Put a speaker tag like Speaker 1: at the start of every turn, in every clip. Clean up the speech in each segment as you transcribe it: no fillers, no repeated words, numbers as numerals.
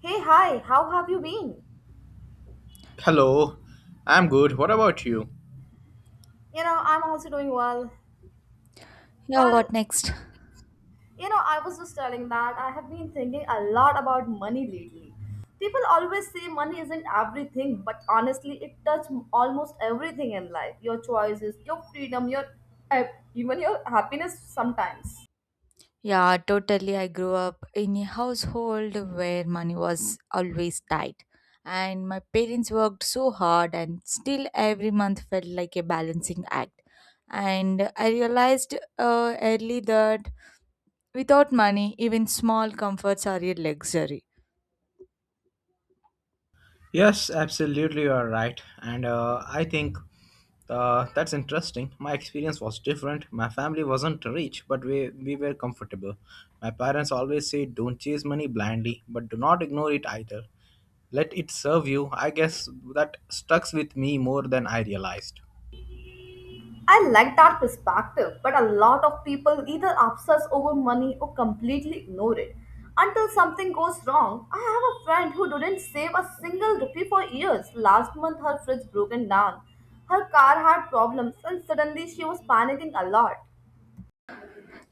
Speaker 1: Hey, hi, how have you been?
Speaker 2: Hello, I'm good. What about you?
Speaker 1: You know, I'm also doing well.
Speaker 3: Yeah,
Speaker 1: Well,
Speaker 3: what next?
Speaker 1: you know, I was just telling that I have been thinking a lot about money lately. People always say money isn't everything, but honestly, it touches almost everything in life your choices, your freedom, your eh, even your happiness sometimes.
Speaker 3: Yeah, totally. I grew up in a household where money was always tight. And my parents worked so hard, and still every month felt like a balancing act. And I realized early that without money, even small comforts are a luxury.
Speaker 2: Yes, absolutely, you are right. And I think that's interesting. My experience was different. My family wasn't rich, but we were comfortable. My parents always say, don't chase money blindly, but do not ignore it either. Let it serve you. I guess that stucks with me more than I realized.
Speaker 1: I like that perspective, but a lot of people either obsess over money or completely ignore it. Until something goes wrong, I have a friend who didn't save a single rupee for years. Last month, her fridge broken down. Her car had problems, and suddenly she was panicking a lot.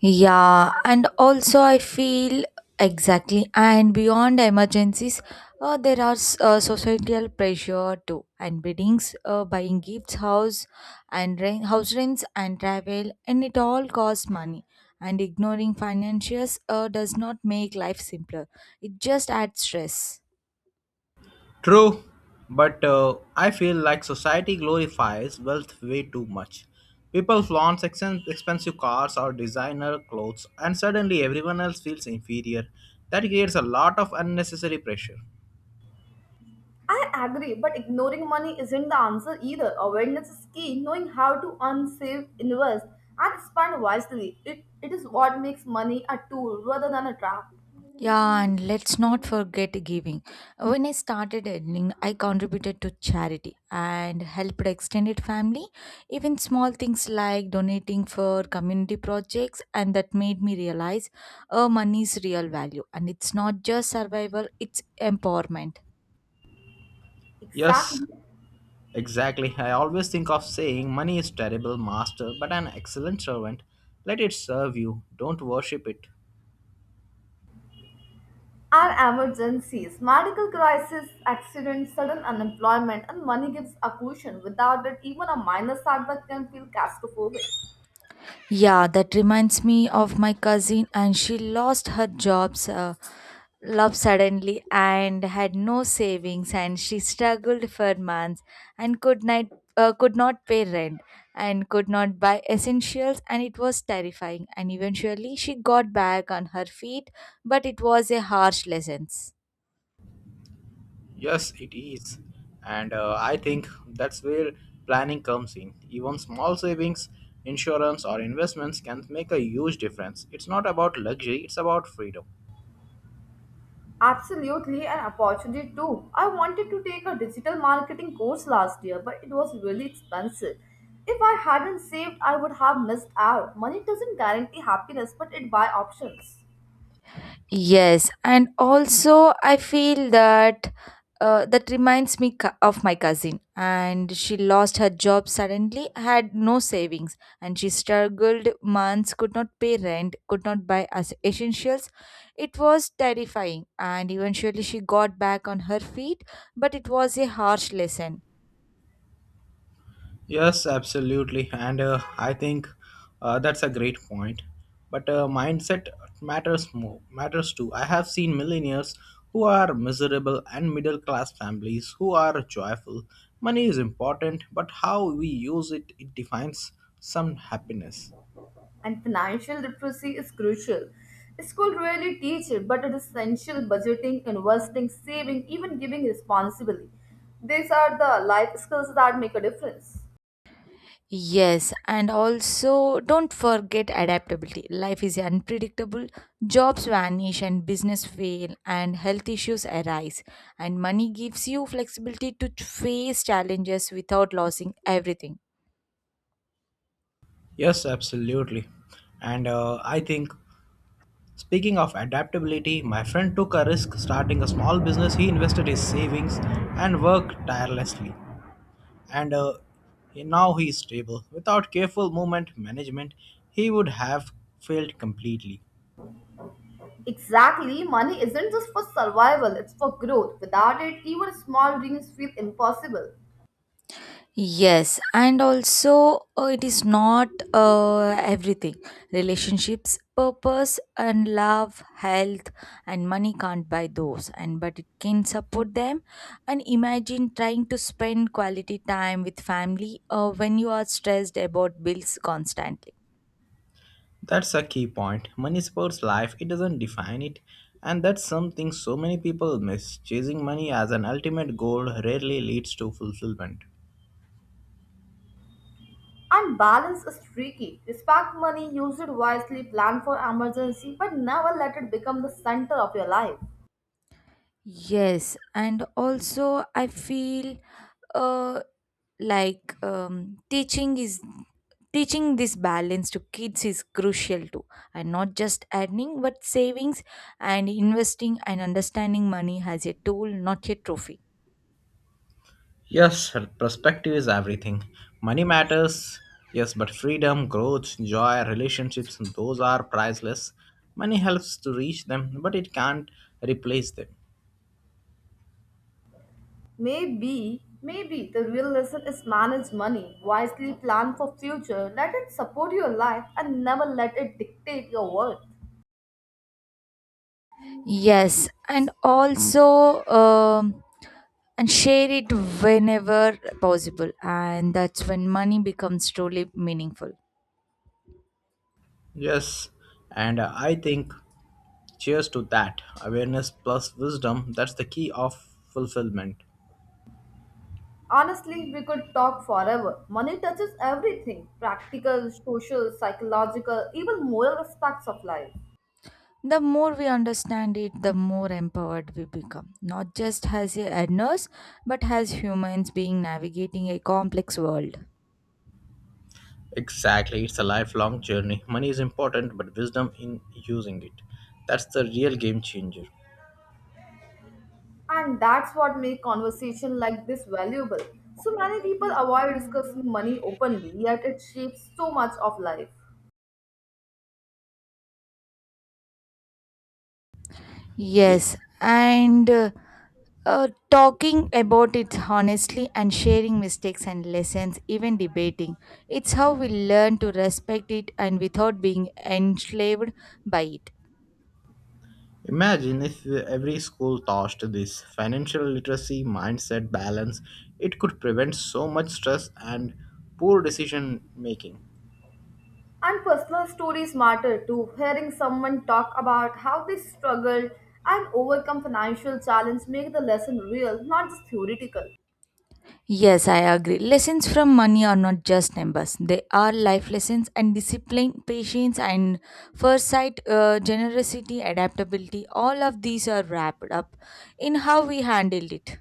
Speaker 3: Yeah, and also I feel exactly, and beyond emergencies, there are societal pressure too, and weddings, buying gifts, house and rent, house rents, and travel, and it all costs money. And ignoring financials does not make life simpler; it just adds stress.
Speaker 2: True, but I feel like society glorifies wealth way too much. People flaunt expensive cars or designer clothes, and suddenly everyone else feels inferior. That creates a lot of unnecessary pressure.
Speaker 1: I agree, but ignoring money isn't the answer either. Awareness is key. Knowing how to earn, save, invest, and spend wisely. It is what makes money a tool rather than a trap.
Speaker 3: Yeah, and let's not forget giving. When I started earning, I contributed to charity and helped extended family. Even small things like donating for community projects, and that made me realize money's real value. And it's not just survival, it's empowerment.
Speaker 2: Yes,
Speaker 1: Exactly.
Speaker 2: exactly. I always think of saying money is terrible master, but an excellent servant. Let it serve you, don't worship it.
Speaker 1: Our emergencies, medical crisis, accidents, sudden unemployment, and money gives occlusion. Without it, even a minor setback can feel claustrophobic.
Speaker 3: Yeah, that reminds me of my cousin, and she lost her jobs love suddenly and had no savings and she struggled for months and could not pay rent and could not buy essentials and it was terrifying and eventually she got back on her feet but it was a harsh lesson.
Speaker 2: Yes, it is. And I think that's where planning comes in. Even small savings, insurance, or investments can make a huge difference. It's not about luxury, it's about freedom.
Speaker 1: Absolutely an opportunity too. I wanted to take a digital marketing course last year, but it was really expensive. If I hadn't saved, I would have missed out. Money doesn't guarantee happiness, but it buys options.
Speaker 3: Yes, and also I feel that that reminds me of my cousin, and she lost her job suddenly, had no savings, and she struggled months, could not pay rent, could not buy as essentials. It was terrifying, and eventually she got back on her feet, but it was a harsh lesson.
Speaker 2: Yes, absolutely. And I think that's a great point. But mindset matters more, matters too. I have seen millionaires who are miserable and middle class families who are joyful. Money is important, but how we use it, it defines some happiness.
Speaker 1: And financial literacy is crucial. School rarely teach it, but it is essential budgeting, investing, saving, even giving responsibly. These are the life skills that make a difference.
Speaker 3: Yes, and also don't forget adaptability. Life is unpredictable, jobs vanish, and business fail, and health issues arise. And money gives you flexibility to face challenges without losing everything.
Speaker 2: Yes, absolutely. And I think, speaking of adaptability, my friend took a risk starting a small business. He invested his savings and worked tirelessly. And uh, Now he is stable. Without careful movement management, he would have failed completely.
Speaker 1: Exactly, money isn't just for survival, it's for growth. Without it, even small dreams feel impossible.
Speaker 3: Yes, and also it is not everything. Relationships, purpose, and love, health, and money can't buy those. And but it can support them. And imagine trying to spend quality time with family when you are stressed about bills constantly.
Speaker 2: That's a key point. Money supports life, it doesn't define it. And that's something so many people miss. Chasing money as an ultimate goal rarely leads to fulfillment.
Speaker 1: And balance is tricky. Respect money, use it wisely, plan for emergency, but never let it become the center of your life.
Speaker 3: Yes, and also I feel uh, like teaching is teaching this balance to kids is crucial too, and not just earning but savings and investing and understanding money as a tool, not a trophy.
Speaker 2: Yes, perspective is everything. Money matters, yes, but freedom, growth, joy, relationships, those are priceless. Money helps to reach them, but it can't replace them.
Speaker 1: Maybe, maybe the real lesson is manage money, wisely plan for future, let it support your life and never let it dictate your worth.
Speaker 3: Yes, and also and share it whenever possible, and that's when money becomes truly meaningful.
Speaker 2: Yes, and I think cheers to that. Awareness plus wisdom, that's the key of fulfillment.
Speaker 1: Honestly, we could talk forever. Money touches everything, practical, social, psychological, even moral aspects of life.
Speaker 3: The more we understand it, the more empowered we become, not just as a nurse, but as humans being navigating a complex world.
Speaker 2: Exactly, it's a lifelong journey. Money is important, but wisdom in using it. That's the real game changer.
Speaker 1: And that's what makes conversation like this valuable. So many people avoid discussing money openly, yet it shapes so much of life.
Speaker 2: Y-
Speaker 3: Yes, and talking about it honestly and sharing mistakes and lessons, even debating, it's how we learn to respect it and without being enslaved by it.
Speaker 2: Imagine if every school taught this financial literacy mindset balance, it could prevent so much stress and poor decision making.
Speaker 1: And personal stories matter too. Hearing someone talk about how they struggled and overcome financial challenge make the lesson real, not just theoretical.
Speaker 3: Yes, I agree. Lessons from money are not just numbers. They are life lessons and discipline, patience, and foresight, generosity, adaptability. All of these are wrapped up in how we handled it.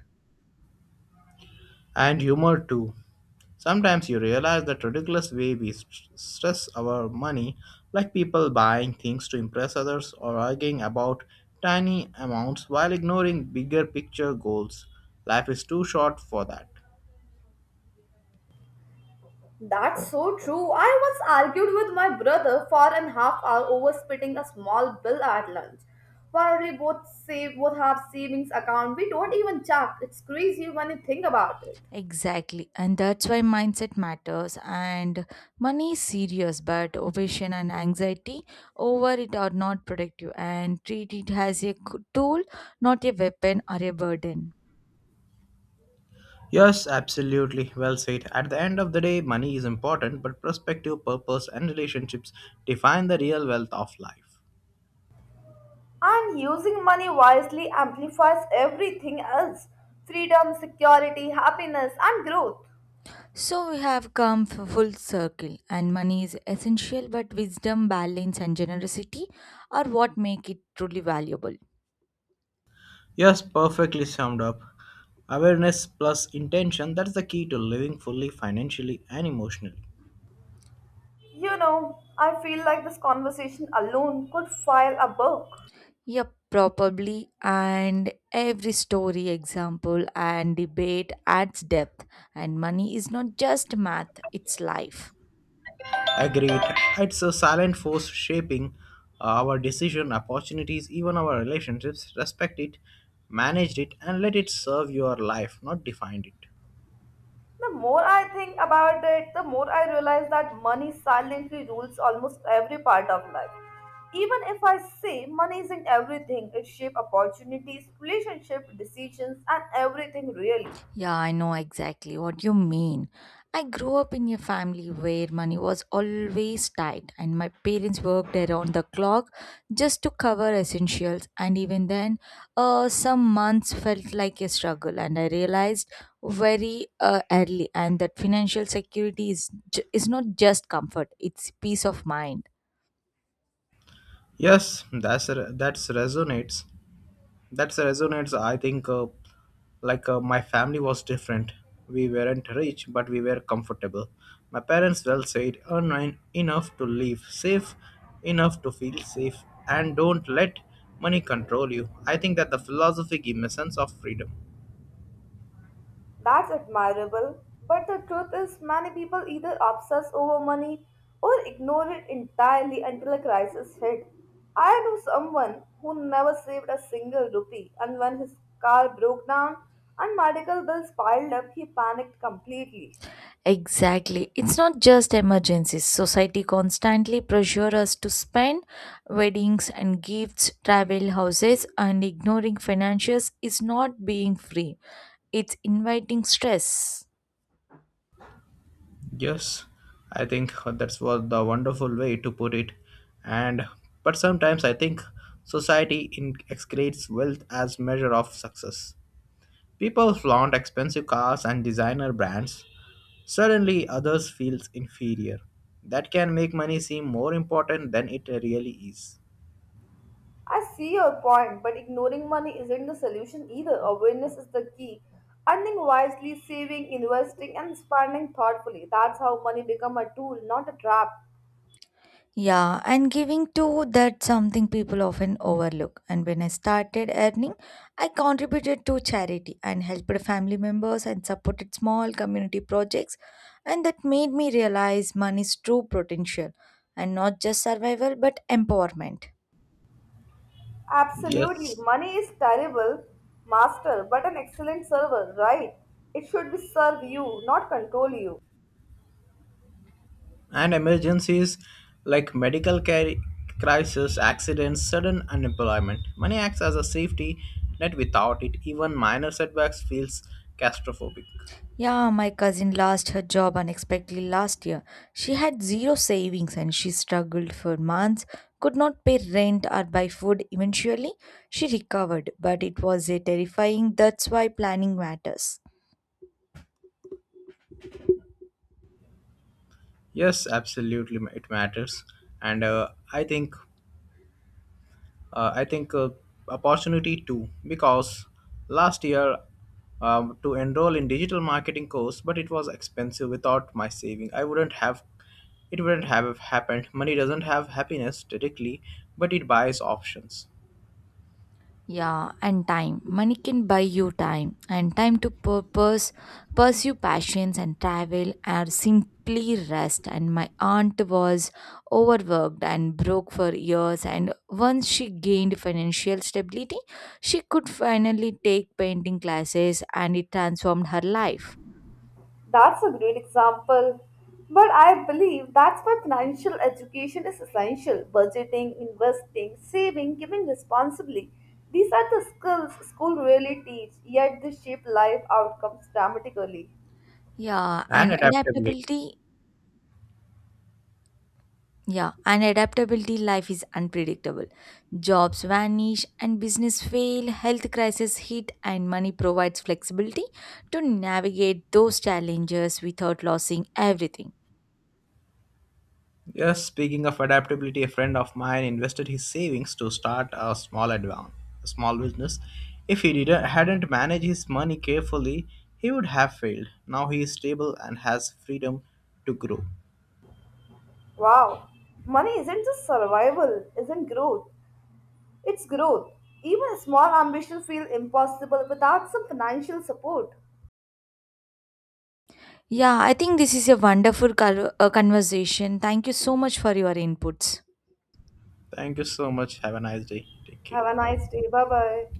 Speaker 2: And humor too. Sometimes you realize that ridiculous way we stress our money, like people buying things to impress others or arguing about tiny amounts while ignoring bigger picture goals. Life is too short for that.
Speaker 1: That's so true. I once argued with my brother for an half hour over splitting a small bill at lunch. While we both save both have savings account, we don't even check. It's crazy when you think about it.
Speaker 3: Exactly. And that's why mindset matters. And money is serious, but obsession and anxiety over it are not productive, and treat it as a tool, not a weapon or a burden.
Speaker 2: Yes, absolutely. Well said. At the end of the day, money is important, but perspective, purpose, and relationships define the real wealth of life.
Speaker 1: And using money wisely amplifies everything else. Freedom, security, happiness and growth.
Speaker 3: So we have come full circle, and money is essential, but wisdom, balance, and generosity are what make it truly valuable.
Speaker 2: Yes, perfectly summed up. Awareness plus intention that's the key to living fully financially and emotionally.
Speaker 1: You know, I feel like this conversation alone could file a book.
Speaker 3: Yep, probably. And every story, example, and debate adds depth. And money is not just math, it's life.
Speaker 2: Agreed. It's a silent force shaping our decision, opportunities, even our relationships. Respect it, manage it, and let it serve your life, not define it.
Speaker 1: The more I think about it, the more I realize that money silently rules almost every part of life. Even if I say money is in everything, it shapes opportunities, relationships, decisions, and everything really.
Speaker 3: Yeah, I know exactly what you mean. I grew up in a family where money was always tight, and my parents worked around the clock just to cover essentials. And even then, some months felt like a struggle, and I realized very early and that financial security is not just comfort; it's peace of mind.
Speaker 2: Yes, that's resonates. That resonates. I think, my family was different. We weren't rich, but we were comfortable. My parents well said, earn enough to live, save enough to feel safe, and don't let money control you. I think that the philosophy gives me a sense of freedom.
Speaker 1: That's admirable, but the truth is, many people either obsess over money or ignore it entirely until a crisis hit. I knew someone who never saved a single rupee, and when his car broke down and medical bills piled up, he panicked completely.
Speaker 3: Exactly. It's not just emergencies. Society constantly pressure us to spend weddings and gifts, travel houses, and ignoring financials is not being free. It's inviting stress.
Speaker 2: Yes, I think that's what the wonderful way to put it. And but sometimes I think society excretes wealth as measure of success. People flaunt expensive cars and designer brands. Suddenly, others feel inferior. That can make money seem more important than it really is.
Speaker 1: I see your point, but ignoring money isn't the solution either. Awareness is the key. Earning wisely, saving, investing, and spending thoughtfully. That's how money become a tool, not a trap.
Speaker 3: Yeah, and giving too, that's something people often overlook. And when I started earning, I contributed to charity and helped family members and supported small community projects. And that made me realize money's true potential and not just survival but empowerment.
Speaker 1: Absolutely.
Speaker 2: Yes.
Speaker 1: Money is terrible master, but an excellent server, right? It should be serve you, not control you.
Speaker 2: And emergencies like medical care crisis, accidents, sudden unemployment. Money acts as a safety net without it. Even minor setbacks feels claustrophobic.
Speaker 3: Yeah, my cousin lost her job unexpectedly last year. She had zero savings and she struggled for months, could not pay rent or buy food. Eventually, she recovered, but it was a terrifying, that's why planning matters.
Speaker 2: Yes, absolutely, it matters. And I think Opportunity too, because last year to enroll in digital marketing course, but it was expensive. Without my saving, I wouldn't have. It wouldn't have happened. Money doesn't have happiness directly, but it buys options
Speaker 3: Yeah, and time. Money can buy you time and time to purpose, pursue passions and travel or simply rest. And my aunt was overworked and broke for years. And once she gained financial stability, she could finally take painting classes and it transformed her life.
Speaker 1: That's a great example. But I believe that's why financial education is essential. Budgeting, investing, saving, giving responsibly. These are the skills school really teach, yet they shape life outcomes dramatically.
Speaker 3: Yeah,
Speaker 2: and
Speaker 3: and
Speaker 2: adaptability.
Speaker 3: adaptability. Yeah, and adaptability, life is unpredictable. Jobs vanish and business fail, health crisis hit and money provides flexibility to navigate those challenges without losing everything.
Speaker 2: Yes, speaking of adaptability, a friend of mine invested his savings to start a small advance, a small business. If he didn't hadn't managed his money carefully, he would have failed. Now he is stable and has freedom to grow.
Speaker 1: Wow. Money isn't just survival, isn't growth. It's growth. Even small ambitions feel impossible without some financial support.
Speaker 3: Yeah, I think this is a wonderful conversation. Thank you so much for your inputs.
Speaker 2: Thank you so much. Have a nice day. Take care.
Speaker 1: Have a nice day. Bye bye.